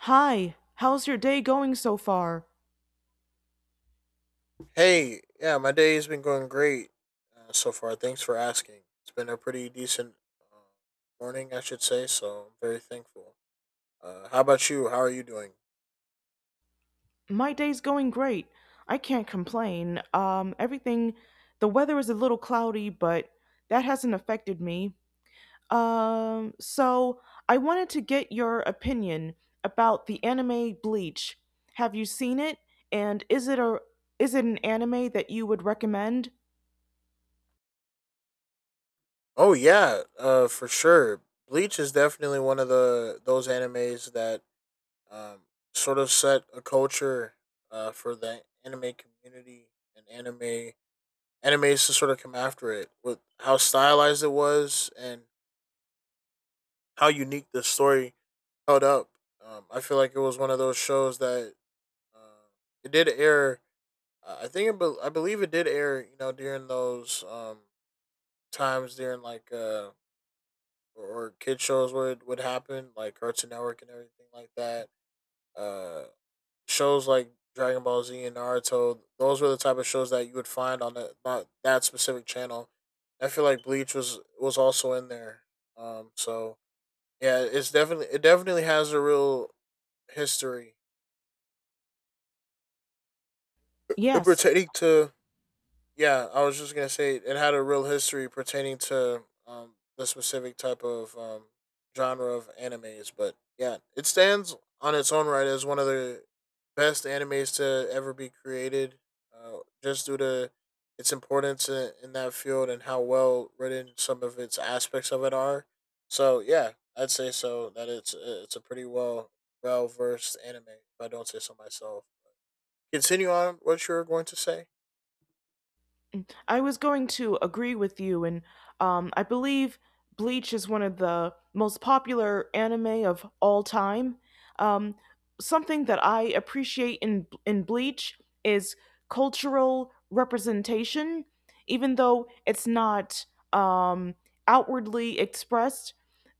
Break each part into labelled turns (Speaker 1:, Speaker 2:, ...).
Speaker 1: Hi, how's your day going so far?
Speaker 2: Hey, yeah, my day has been going great so far. Thanks for asking. It's been a pretty decent uh, morning, I should say. So I'm very thankful. How about you? How are you doing?
Speaker 1: My day's going great. I can't complain. The weather is a little cloudy, but that hasn't affected me. So I wanted to get your opinion about the anime Bleach. Have you seen it? And is it an anime that you would recommend?
Speaker 2: Oh yeah, for sure. Bleach is definitely one of the those animes that um, sort of set a culture for the anime community and animes to sort of come after it with how stylized it was and how unique the story held up. I feel like it was one of those shows that uh, it did air. I think I believe it did air. You know, during those times during like or kid shows would happen, like Cartoon Network and everything like that. Uh, shows like Dragon Ball Z and Naruto, those were the type of shows that you would find on not that specific channel. I feel like Bleach was also in there. So yeah, it definitely has a real history It
Speaker 1: Yes.
Speaker 2: pertaining to yeah, I was just gonna say it had a real history pertaining to the specific type of genre of animes, but yeah, it stands on its own right as one of the best animes to ever be created, uh, just due to its importance in that field and how well written some of its aspects of it are. So yeah, I'd say that it's a pretty well versed anime, if I don't say so myself. Continue on what you were going to say.
Speaker 1: I was going to agree with you, and I believe Bleach is one of the most popular anime of all time. Um, Something that I appreciate in Bleach is cultural representation, even though it's not um, outwardly expressed.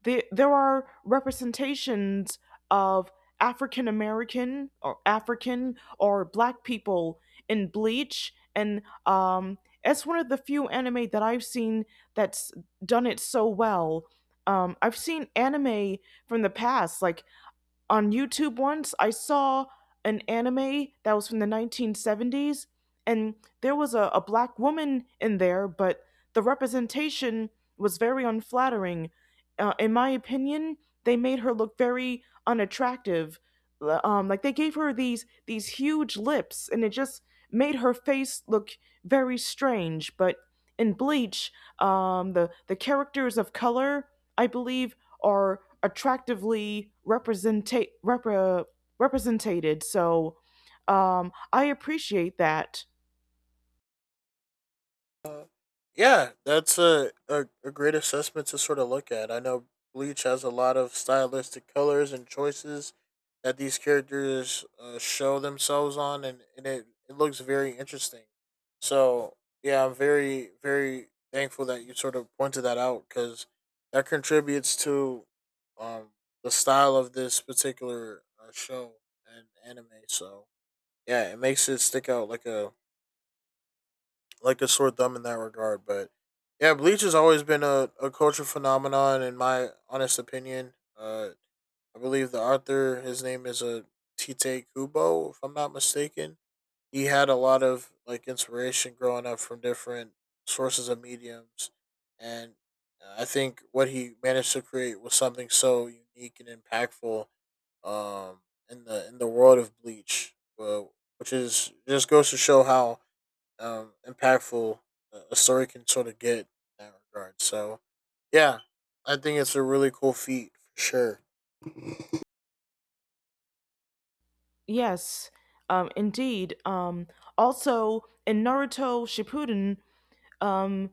Speaker 1: There are representations of African American or African or Black people in Bleach, and it's one of the few anime that I've seen that's done it so well. I've seen anime from the past, like on YouTube once, I saw an anime that was from the 1970s, and there was a black woman in there, but the representation was very unflattering. In my opinion, they made her look very unattractive. Like they gave her these huge lips, and it just made her face look very strange. But in Bleach, the characters of color, I believe, are represented. So I appreciate that.
Speaker 2: Uh, Yeah, that's a great assessment to sort of look at. I know Bleach has a lot of stylistic colors and choices that these characters show themselves on, and it looks very interesting. So, yeah, I'm very, very thankful that you sort of pointed that out because that contributes to um, the style of this particular show and anime. So, yeah, it makes it stick out like a sore thumb in that regard. But yeah, Bleach has always been a culture phenomenon, in my honest opinion. I believe the author, his name is a Tite Kubo, if I'm not mistaken. He had a lot of like inspiration growing up from different sources of mediums, and I think what he managed to create was something so unique and impactful um, in the world of Bleach, which is just goes to show how impactful a story can sort of get in that regard. So, yeah, I think it's a really cool feat for sure.
Speaker 1: Yes, indeed. Also in Naruto Shippuden, um,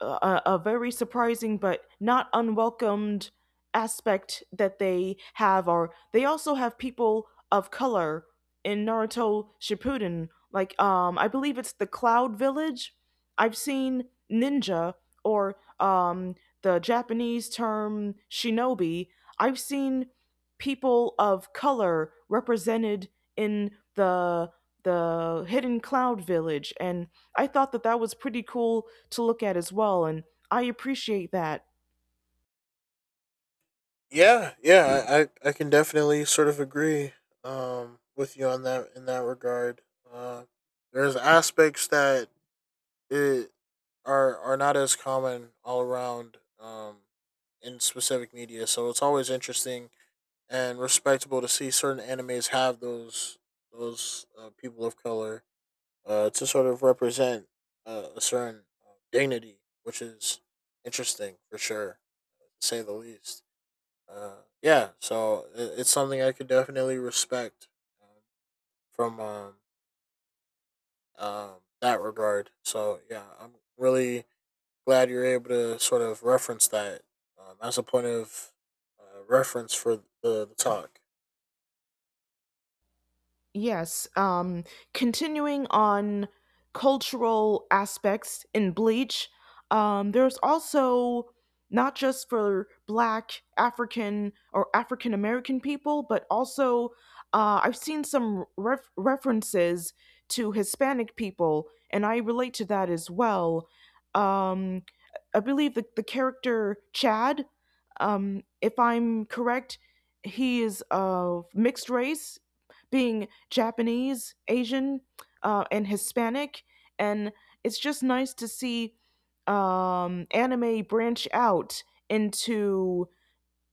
Speaker 1: a very surprising but not unwelcomed aspect that they have are they also have people of color in Naruto Shippuden. Like I believe it's the Cloud Village. I've seen ninja or the Japanese term shinobi. I've seen people of color represented in the hidden Cloud Village, and I thought that that was pretty cool to look at as well. And I appreciate that.
Speaker 2: Yeah, yeah, can definitely sort of agree with you on that in that regard. Uh, there's aspects that it are not as common all around in specific media, so it's always interesting and respectable to see certain animes have those people of color to sort of represent a certain dignity, which is interesting for sure, to say the least. Yeah, so it's something I could definitely respect um, from that regard. So yeah, I'm really glad you're able to sort of reference that as a point of reference for the talk.
Speaker 1: Yes, continuing on cultural aspects in Bleach, there's also not just for Black, African, or African American people, but also I've seen some references to Hispanic people, and I relate to that as well. Um, I believe the character Chad, if I'm correct, he is of mixed race, being Japanese, Asian, and Hispanic, and it's just nice to see anime branch out into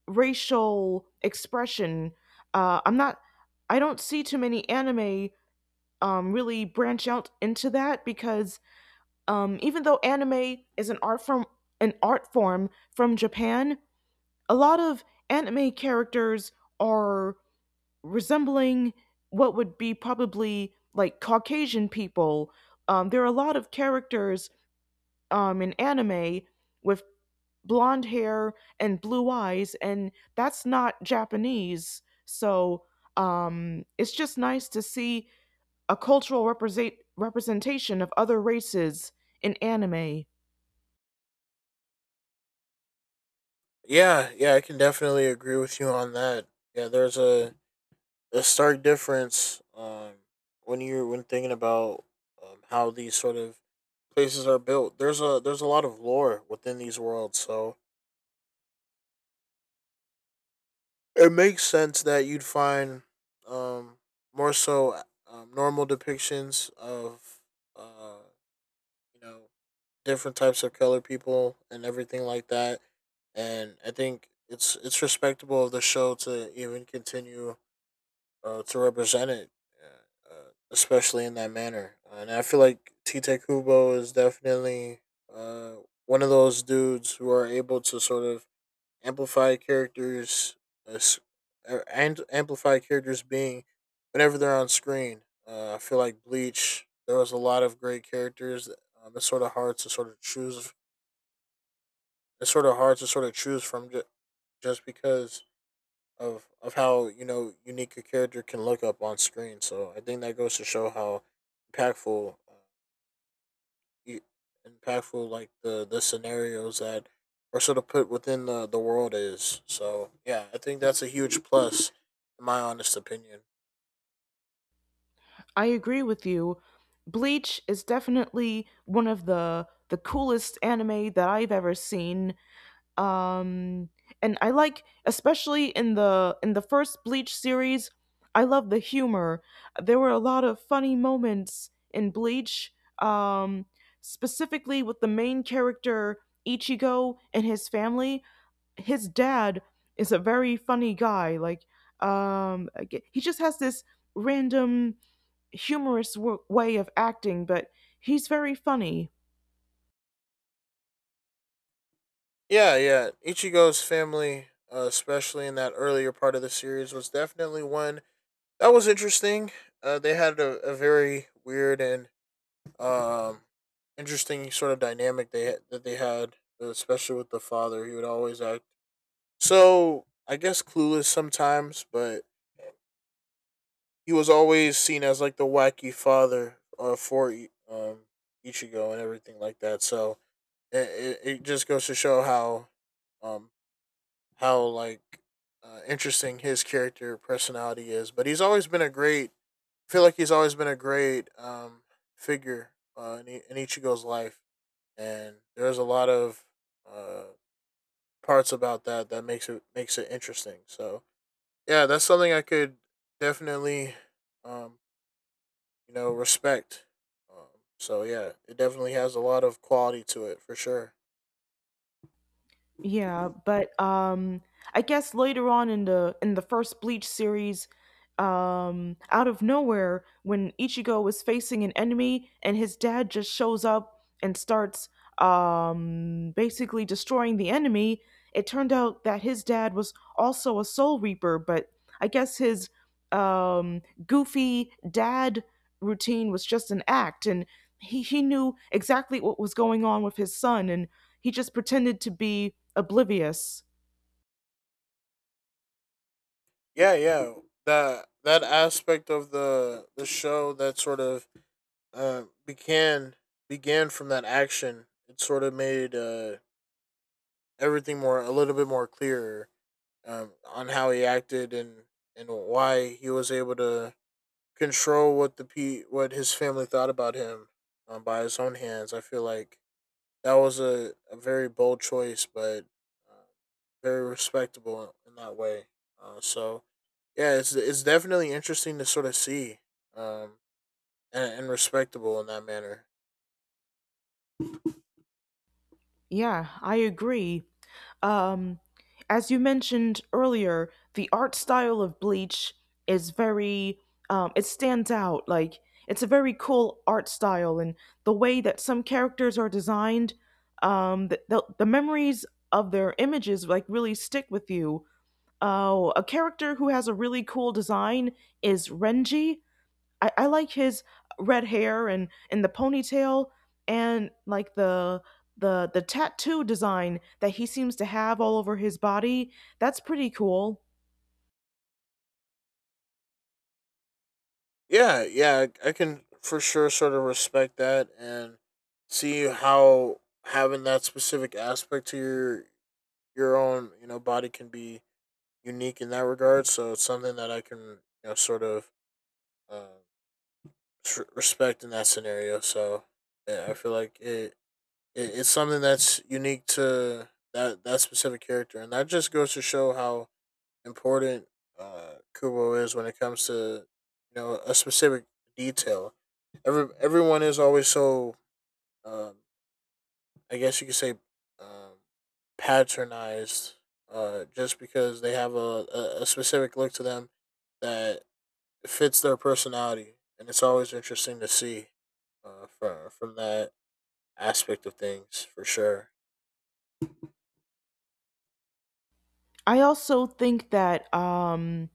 Speaker 1: racial expression. Uh, I'm not, I don't see too many anime really branch out into that because even though anime is an art form from Japan, a lot of anime characters are resembling what would be probably like Caucasian people. There are a lot of characters in anime with blonde hair and blue eyes, and that's not Japanese. So it's just nice to see a cultural representation of other races in anime.
Speaker 2: Yeah, yeah, I can definitely agree with you on that. Yeah, there's a stark difference when you're when thinking about how these sort of places are built. There's a lot of lore within these worlds, so it makes sense that you'd find um, more so normal depictions of uh, you know, different types of color people and everything like that. And I think it's respectable of the show to even continue to represent it, uh, uh, especially in that manner. And I feel like Tite Kubo is definitely uh, one of those dudes who are able to sort of amplify characters, uh, and amplify characters being whenever they're on screen. I feel like Bleach, there was a lot of great characters. It's sort of hard to sort of choose. It's sort of hard to sort of choose just because of how, you know, unique a character can look up on screen. So I think that goes to show how impactful, e- impactful like the scenarios that are sort of put within the world is. So yeah, I think that's a huge plus, in my honest opinion.
Speaker 1: I agree with you. Bleach is definitely one of the coolest anime that I've ever seen. um and I like, especially in the first Bleach series, I love the humor. There were a lot of funny moments in Bleach, um specifically with the main character Ichigo and his family. His dad is a very funny guy. Like, he just has this random, way of acting, but he's very funny.
Speaker 2: Yeah, yeah. Ichigo's family, especially in that earlier part of the series, was definitely one that was interesting. They had a very weird and Um, interesting sort of dynamic they that they had, especially with the father. He would always act so, I guess, clueless sometimes, but he was always seen as like the wacky father for Ichigo and everything like that. So just goes to show how um, how like interesting his character personality is. But he's always been a great. I feel like he's always been a great figure in Ichigo's life. And there's a lot of uh, parts about that that makes it interesting. So yeah, that's something I could definitely um, you know, respect. So yeah, it definitely has a lot of quality to it for sure.
Speaker 1: Yeah, but I guess later on in the first Bleach series, out of nowhere, when Ichigo was facing an enemy and his dad just shows up and starts basically destroying the enemy, it turned out that his dad was also a soul reaper, but I guess his um goofy dad routine was just an act, and he knew exactly what was going on with his son, and he just pretended to be oblivious.
Speaker 2: Yeah, yeah, that that aspect of the show that sort of uh, began began from that action, it sort of made everything more a little bit more clear on how he acted and why he was able to control what the pe what his family thought about him by his own hands. I feel like that was a very bold choice, but uh, very respectable in that way. So yeah, it's definitely interesting to sort of see um, and and respectable in that manner.
Speaker 1: Yeah, I agree. Um, as you mentioned earlier, the art style of Bleach is very, it stands out. Like, it's a very cool art style, and the way that some characters are designed, the memories of their images, like, really stick with you. A character who has a really cool design is Renji. I like his red hair and the ponytail, and like the tattoo design that he seems to have all over his body. That's pretty cool.
Speaker 2: Yeah, yeah, I can for sure sort of respect that and see how having that specific aspect to your own, you know, body can be unique in that regard. So it's something that I can, you know, sort of uh, respect in that scenario. So yeah, I feel like it, it's something that's unique to that specific character, and that just goes to show how important Kubo is when it comes to, you know, a specific detail. Everyone is always so um, I guess you could say, um, patronized, just because they have a specific look to them that fits their personality, and it's always interesting to see, from that aspect of things for sure.
Speaker 1: I also think that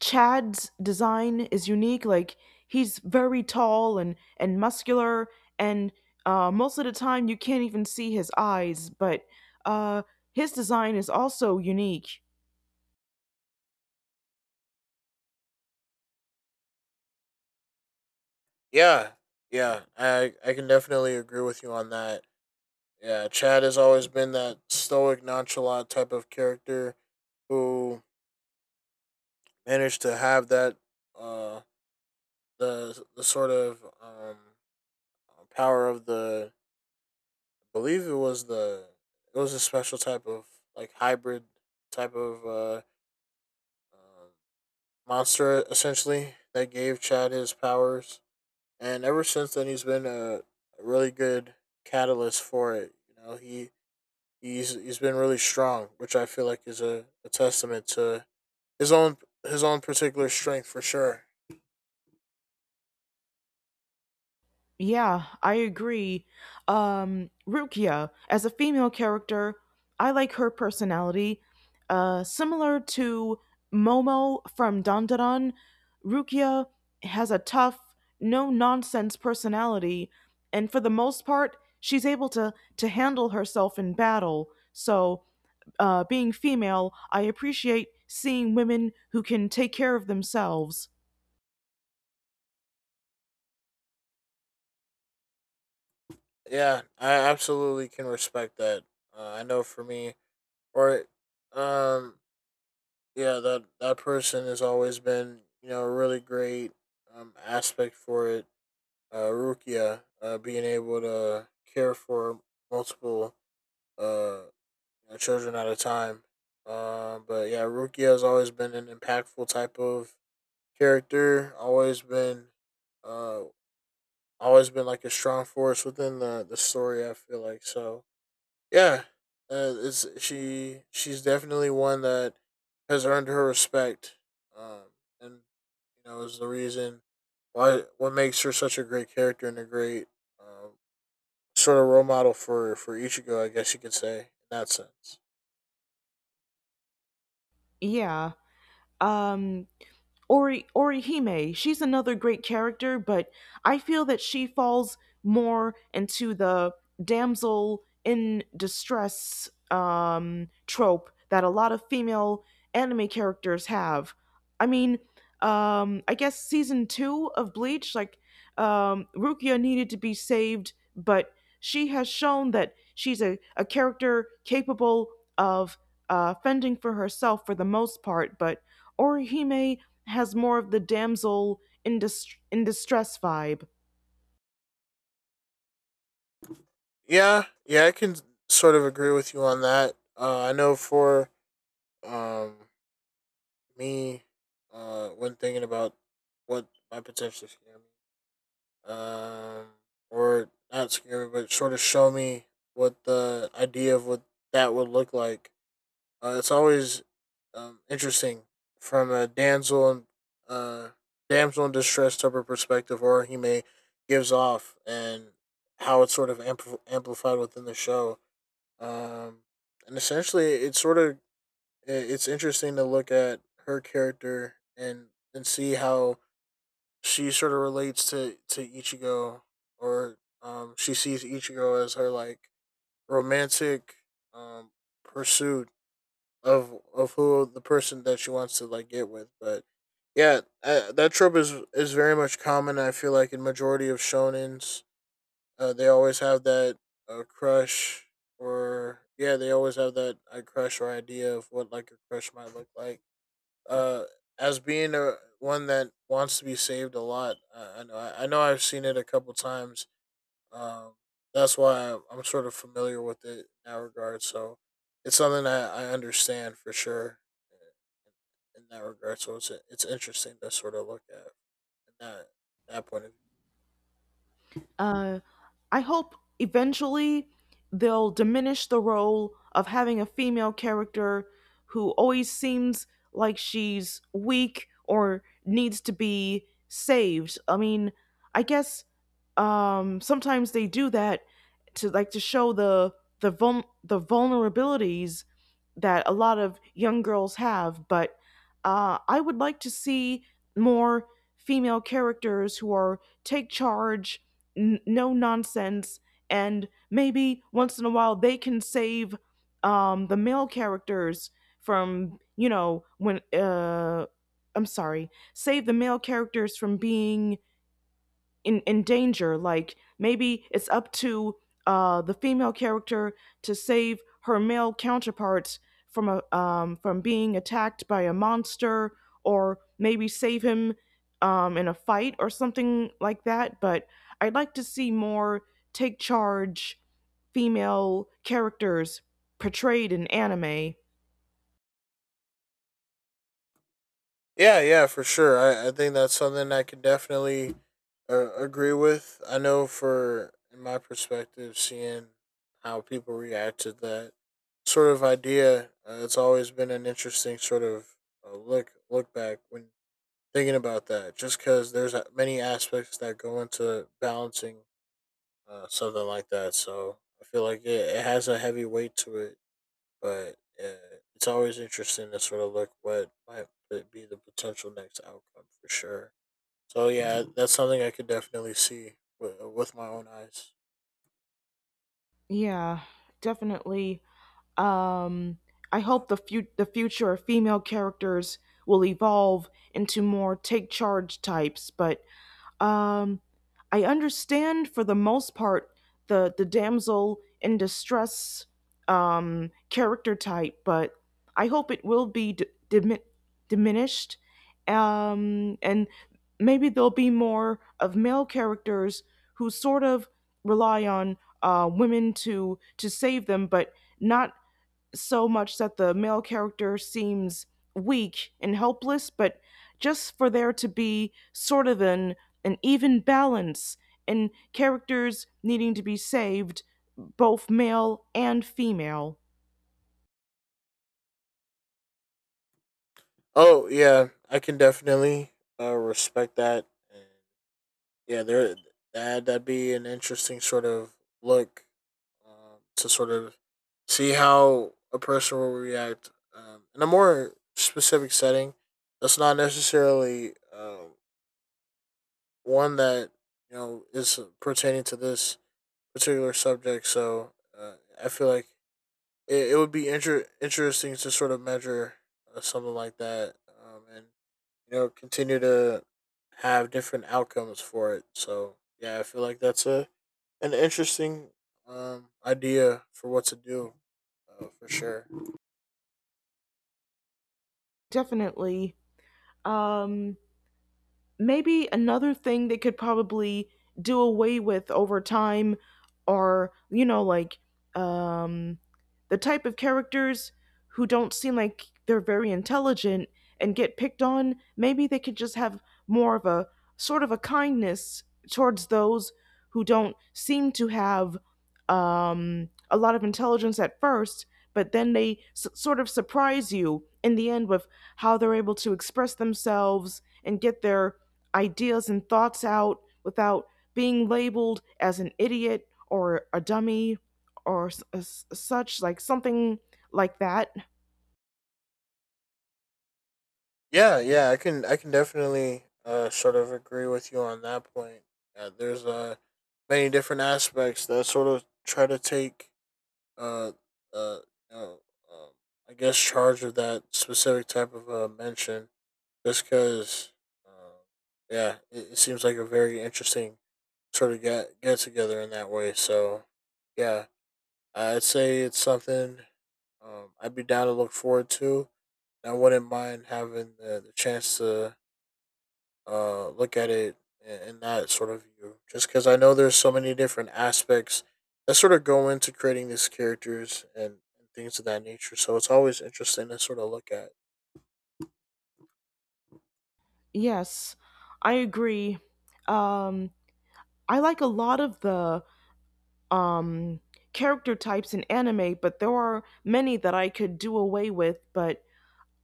Speaker 1: Chad's design is unique. Like, he's very tall and muscular, and most of the time you can't even see his eyes. But uh, his design is also unique.
Speaker 2: Yeah, yeah, I can definitely agree with you on that. Yeah, Chad has always been that stoic, nonchalant type of character who managed to have that uh the sort of power of the, believe it was the, it was a special type of like hybrid type of um monster essentially that gave Chad his powers, and ever since then he's been a really good catalyst for it. You know, he he's been really strong, which I feel like is a testament to his own particular strength for sure.
Speaker 1: Yeah, I agree. Rukia, as a female character, I like her personality. Similar to Momo from Dandadan, Rukia has a tough, no nonsense personality, and for the most part, she's able to handle herself in battle. So, being female, I appreciate seeing women who can take care of themselves.
Speaker 2: Yeah, I absolutely can respect that. I know for me, or um, yeah, that that person has always been, you know, a really great aspect for it. Rukia, being able to care for multiple uh, you know, children at a time. But yeah, Rukia has always been an impactful type of character. Always been, uh, like a strong force within the story, I feel like. So yeah, it's she. She's definitely one that has earned her respect, um, and you know is the reason why what makes her such a great character and a great um, sort of role model for Ichigo, I guess you could say, in that sense.
Speaker 1: Yeah. Um, Orihime, she's another great character, but I feel that she falls more into the damsel in distress trope that a lot of female anime characters have. I mean, I guess season two of Bleach, like Rukia needed to be saved, but she has shown that she's a character capable of fending for herself for the most part, but Orihime has more of the damsel in, dis- in distress vibe.
Speaker 2: Yeah, yeah, I can sort of agree with you on that. I know for um, me, when thinking about what my potential scare me um, or not scary, but sort of show me what the idea of what that would look like. It's always interesting from a damsel and uh, damsel in distress type of perspective, or he may gives off, and how it's sort of amplified within the show. Um, and essentially, it's sort of it's interesting to look at her character and see how she sort of relates to Ichigo, or she sees Ichigo as her like romantic um pursuit of who the person that she wants to like get with. But yeah, that trope is very much common. I feel like in majority of shonens, they always have that crush, or yeah, they always have that crush or idea of what like a crush might look like uh, as being a one that wants to be saved a lot. I know I know I've seen it a couple times. Um, that's why I'm sort of familiar with it in that regard. So it's something I understand for sure in that regard. So it's interesting to sort of look at in that point of view.
Speaker 1: Uh, I hope eventually they'll diminish the role of having a female character who always seems like she's weak or needs to be saved. I mean, I guess sometimes they do that to, like, to show the the vulnerabilities that a lot of young girls have. But I would like to see more female characters who are take charge, no nonsense, and maybe once in a while they can save the male characters from, you know, save the male characters from being in danger. Like, maybe it's up to the female character to save her male counterparts from a from being attacked by a monster, or maybe save him in a fight or something like that. But I'd like to see more take charge female characters portrayed in anime.
Speaker 2: Yeah, yeah, for sure. I think that's something I can definitely agree with. I know for in my perspective, seeing how people react to that sort of idea, it's always been an interesting sort of uh, look back when thinking about that. Just because many aspects that go into balancing something like that, so I feel like it has a heavy weight to it but it's always interesting to sort of look what might be the potential next outcome for sure. So yeah, that's something I could definitely see with my own eyes.
Speaker 1: Yeah, definitely. Um, I hope the the future of female characters will evolve into more take charge types, but um, I understand, for the most part, the damsel in distress character type, but I hope it will be diminished, and maybe there'll be more of male characters who sort of rely on women to save them, but not so much that the male character seems weak and helpless, but just for there to be sort of an even balance in characters needing to be saved, both male and female.
Speaker 2: Oh yeah, I can definitely respect that, and yeah, there that'd be an interesting sort of look to sort of see how a person will react in a more specific setting. That's not necessarily one that you know is pertaining to this particular subject. So I feel like it would be interesting to sort of measure something like that, and you know continue to have different outcomes for it. So yeah, I feel like that's a an interesting idea for what to do for sure.
Speaker 1: Definitely. Um Maybe another thing they could probably do away with over time are, you know, like, um the type of characters who don't seem like they're very intelligent and get picked on. Maybe they could just have more of a sort of a kindness towards those who don't seem to have a lot of intelligence at first, but then they sort of surprise you in the end with how they're able to express themselves and get their ideas and thoughts out without being labeled as an idiot or a dummy, or such, like something like that.
Speaker 2: Yeah, yeah, I can definitely sort of agree with you on that point. There's many different aspects that sort of try to take uh uh, uh um, I guess charge of that specific type of mention just because uh, yeah it seems like a very interesting sort of get together in that way. So yeah, I'd say it's something I'd be down to look forward to. I wouldn't mind having the chance to look at it in that sort of view. Just because I know there's so many different aspects that sort of go into creating these characters and things of that nature. So it's always interesting to sort of look at.
Speaker 1: Yes, I agree. um I like a lot of the um character types in anime, but there are many that I could do away with. But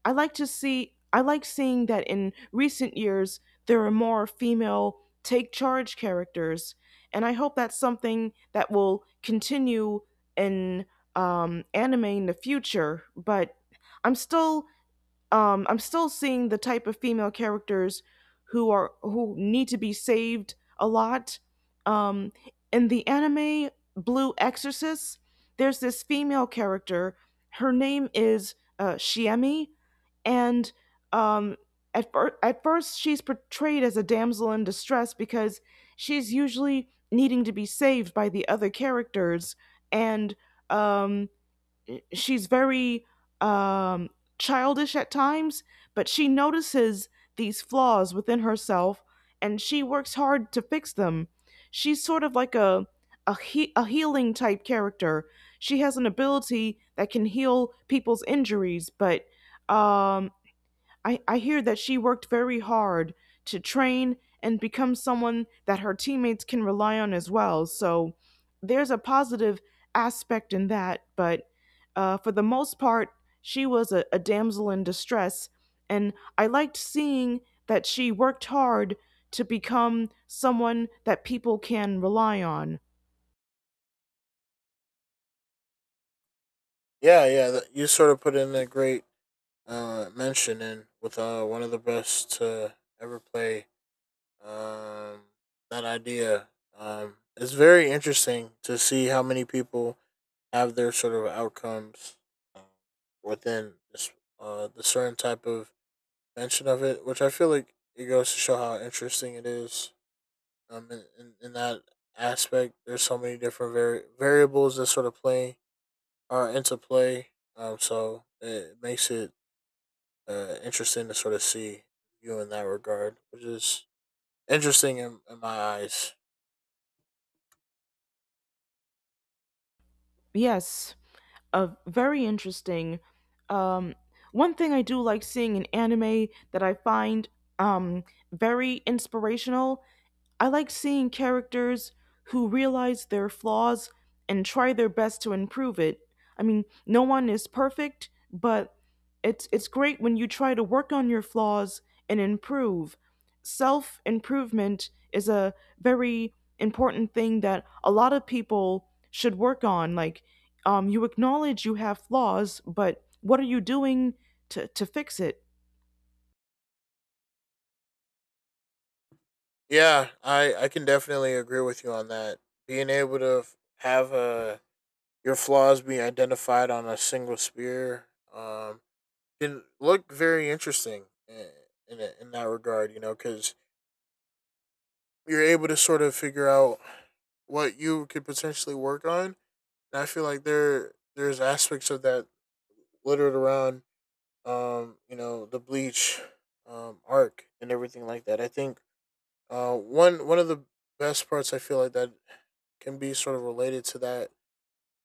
Speaker 1: I like to see, I like seeing that in recent years there are more female take charge characters, and I hope that's something that will continue in anime in the future. But I'm still I'm still seeing the type of female characters who need to be saved a lot. Um, in the anime Blue Exorcist, there's this female character. Her name is Shiemi, and um, at first she's portrayed as a damsel in distress because she's usually needing to be saved by the other characters, and um, she's very um, childish at times, but she notices these flaws within herself and she works hard to fix them. She's sort of like a a healing type character. She has an ability that can heal people's injuries, but um, I hear that she worked very hard to train and become someone that her teammates can rely on as well. So there's a positive aspect in that. But for the most part, she was a damsel in distress. And I liked seeing that she worked hard to become someone that people can rely on.
Speaker 2: Yeah, yeah, you sort of put in a great mention in with one of the best to ever play um, that idea. It's very interesting to see how many people have their sort of outcomes um, within this the certain type of mention of it, which I feel like it goes to show how interesting it is. In that aspect, there's so many different variables that sort of play are into play. So it makes it interesting to sort of see you in that regard, which is interesting in my eyes.
Speaker 1: Yes, very interesting. Um, One thing I do like seeing in anime that I find um, very inspirational: I like seeing characters who realize their flaws and try their best to improve it. I mean, no one is perfect, but it's great when you try to work on your flaws and improve. Self-improvement is a very important thing that a lot of people should work on. Like, you acknowledge you have flaws, but what are you doing to fix it?
Speaker 2: Yeah, I can definitely agree with you on that. Being able to have your flaws be identified on a single spear, um, it looked very interesting in in that regard. You know, because you're able to sort of figure out what you could potentially work on. And I feel like there's aspects of that littered around, you know, the bleach, arc and everything like that. I think, one of the best parts I feel like that can be sort of related to that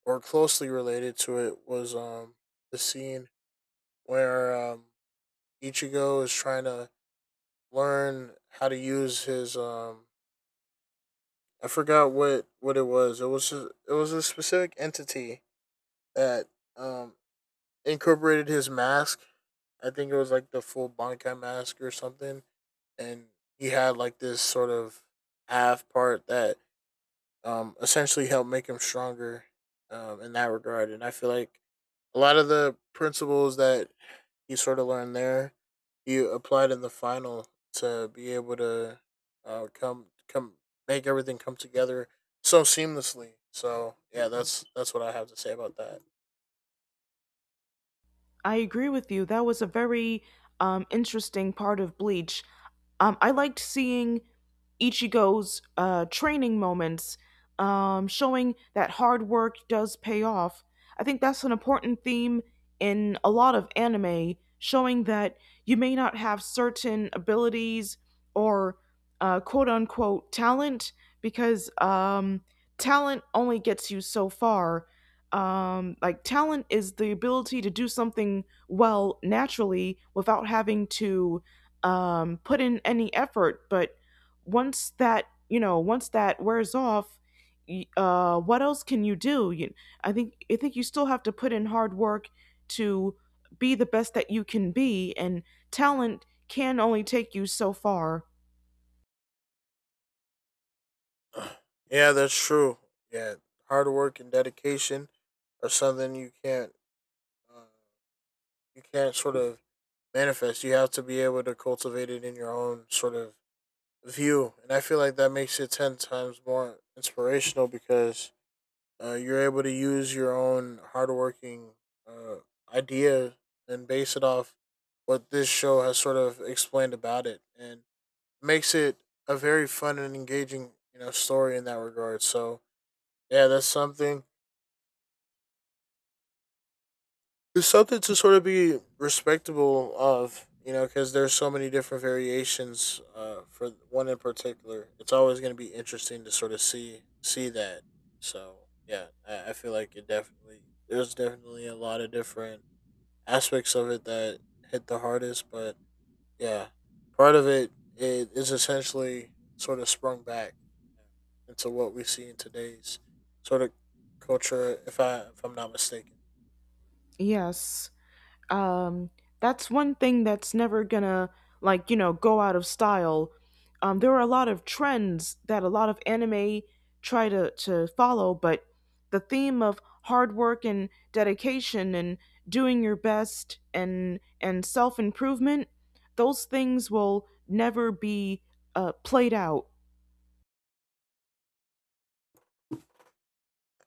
Speaker 2: or closely related to it was the scene where Ichigo is trying to learn how to use his I forgot what it was. It was it was a specific entity that um incorporated his mask. I think it was like the full Bankai mask or something, and he had like this sort of half part that essentially helped make him stronger in that regard. And I feel like a lot of the principles that you sort of learned there. You applied in the final to be able to uh, come make everything come together so seamlessly. So yeah, that's what I have to say about that.
Speaker 1: I agree with you. That was a very interesting part of Bleach. I liked seeing Ichigo's training moments, showing that hard work does pay off. I think that's an important theme in a lot of anime, showing that you may not have certain abilities or quote unquote talent, because talent only gets you so far. Um, like, talent is the ability to do something well naturally without having to put in any effort, but once that, you know, once that wears off, what else can you do? I think, you still have to put in hard work to be the best that you can be, and talent can only take you so far.
Speaker 2: Yeah, that's true. Yeah, hard work and dedication are something uh, you can't sort of manifest. You have to be able to cultivate it in your own sort of view, and I feel like that makes it 10 times more inspirational because uh, you're able to use your own hardworking uh, idea and base it off what this show has sort of explained about it, and makes it a very fun and engaging, you know, story in that regard. So yeah, that's something it's something to sort of be respectable of, you know, because there's so many different variations. For one in particular, it's always going to be interesting to sort of see that. So yeah, I feel like it definitely there's definitely a lot of different aspects of it that hit the hardest, but yeah, part of it it is essentially sort of sprung back into what we see in today's sort of culture, if I'm not mistaken.
Speaker 1: Yes, um that's one thing that's never gonna, like, you know, go out of style. There are a lot of trends that a lot of anime try to follow, but the theme of hard work and dedication and doing your best and self-improvement, those things will never be played out.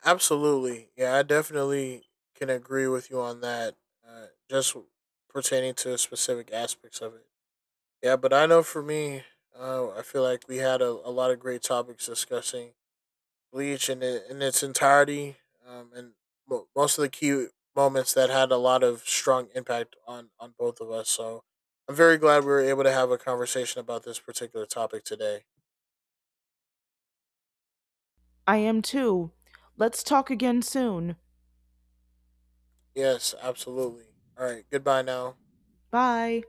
Speaker 2: Absolutely. Yeah, I definitely can agree with you on that. Just pertaining to specific aspects of it. Yeah, but I know for me, I feel like we had a lot of great topics discussing Bleach in its entirety and most of the key moments that had a lot of strong impact on both of us. So I'm very glad we were able to have a conversation about this particular topic today.
Speaker 1: I am too. Let's talk again soon.
Speaker 2: Yes, absolutely. All right, goodbye now.
Speaker 1: Bye.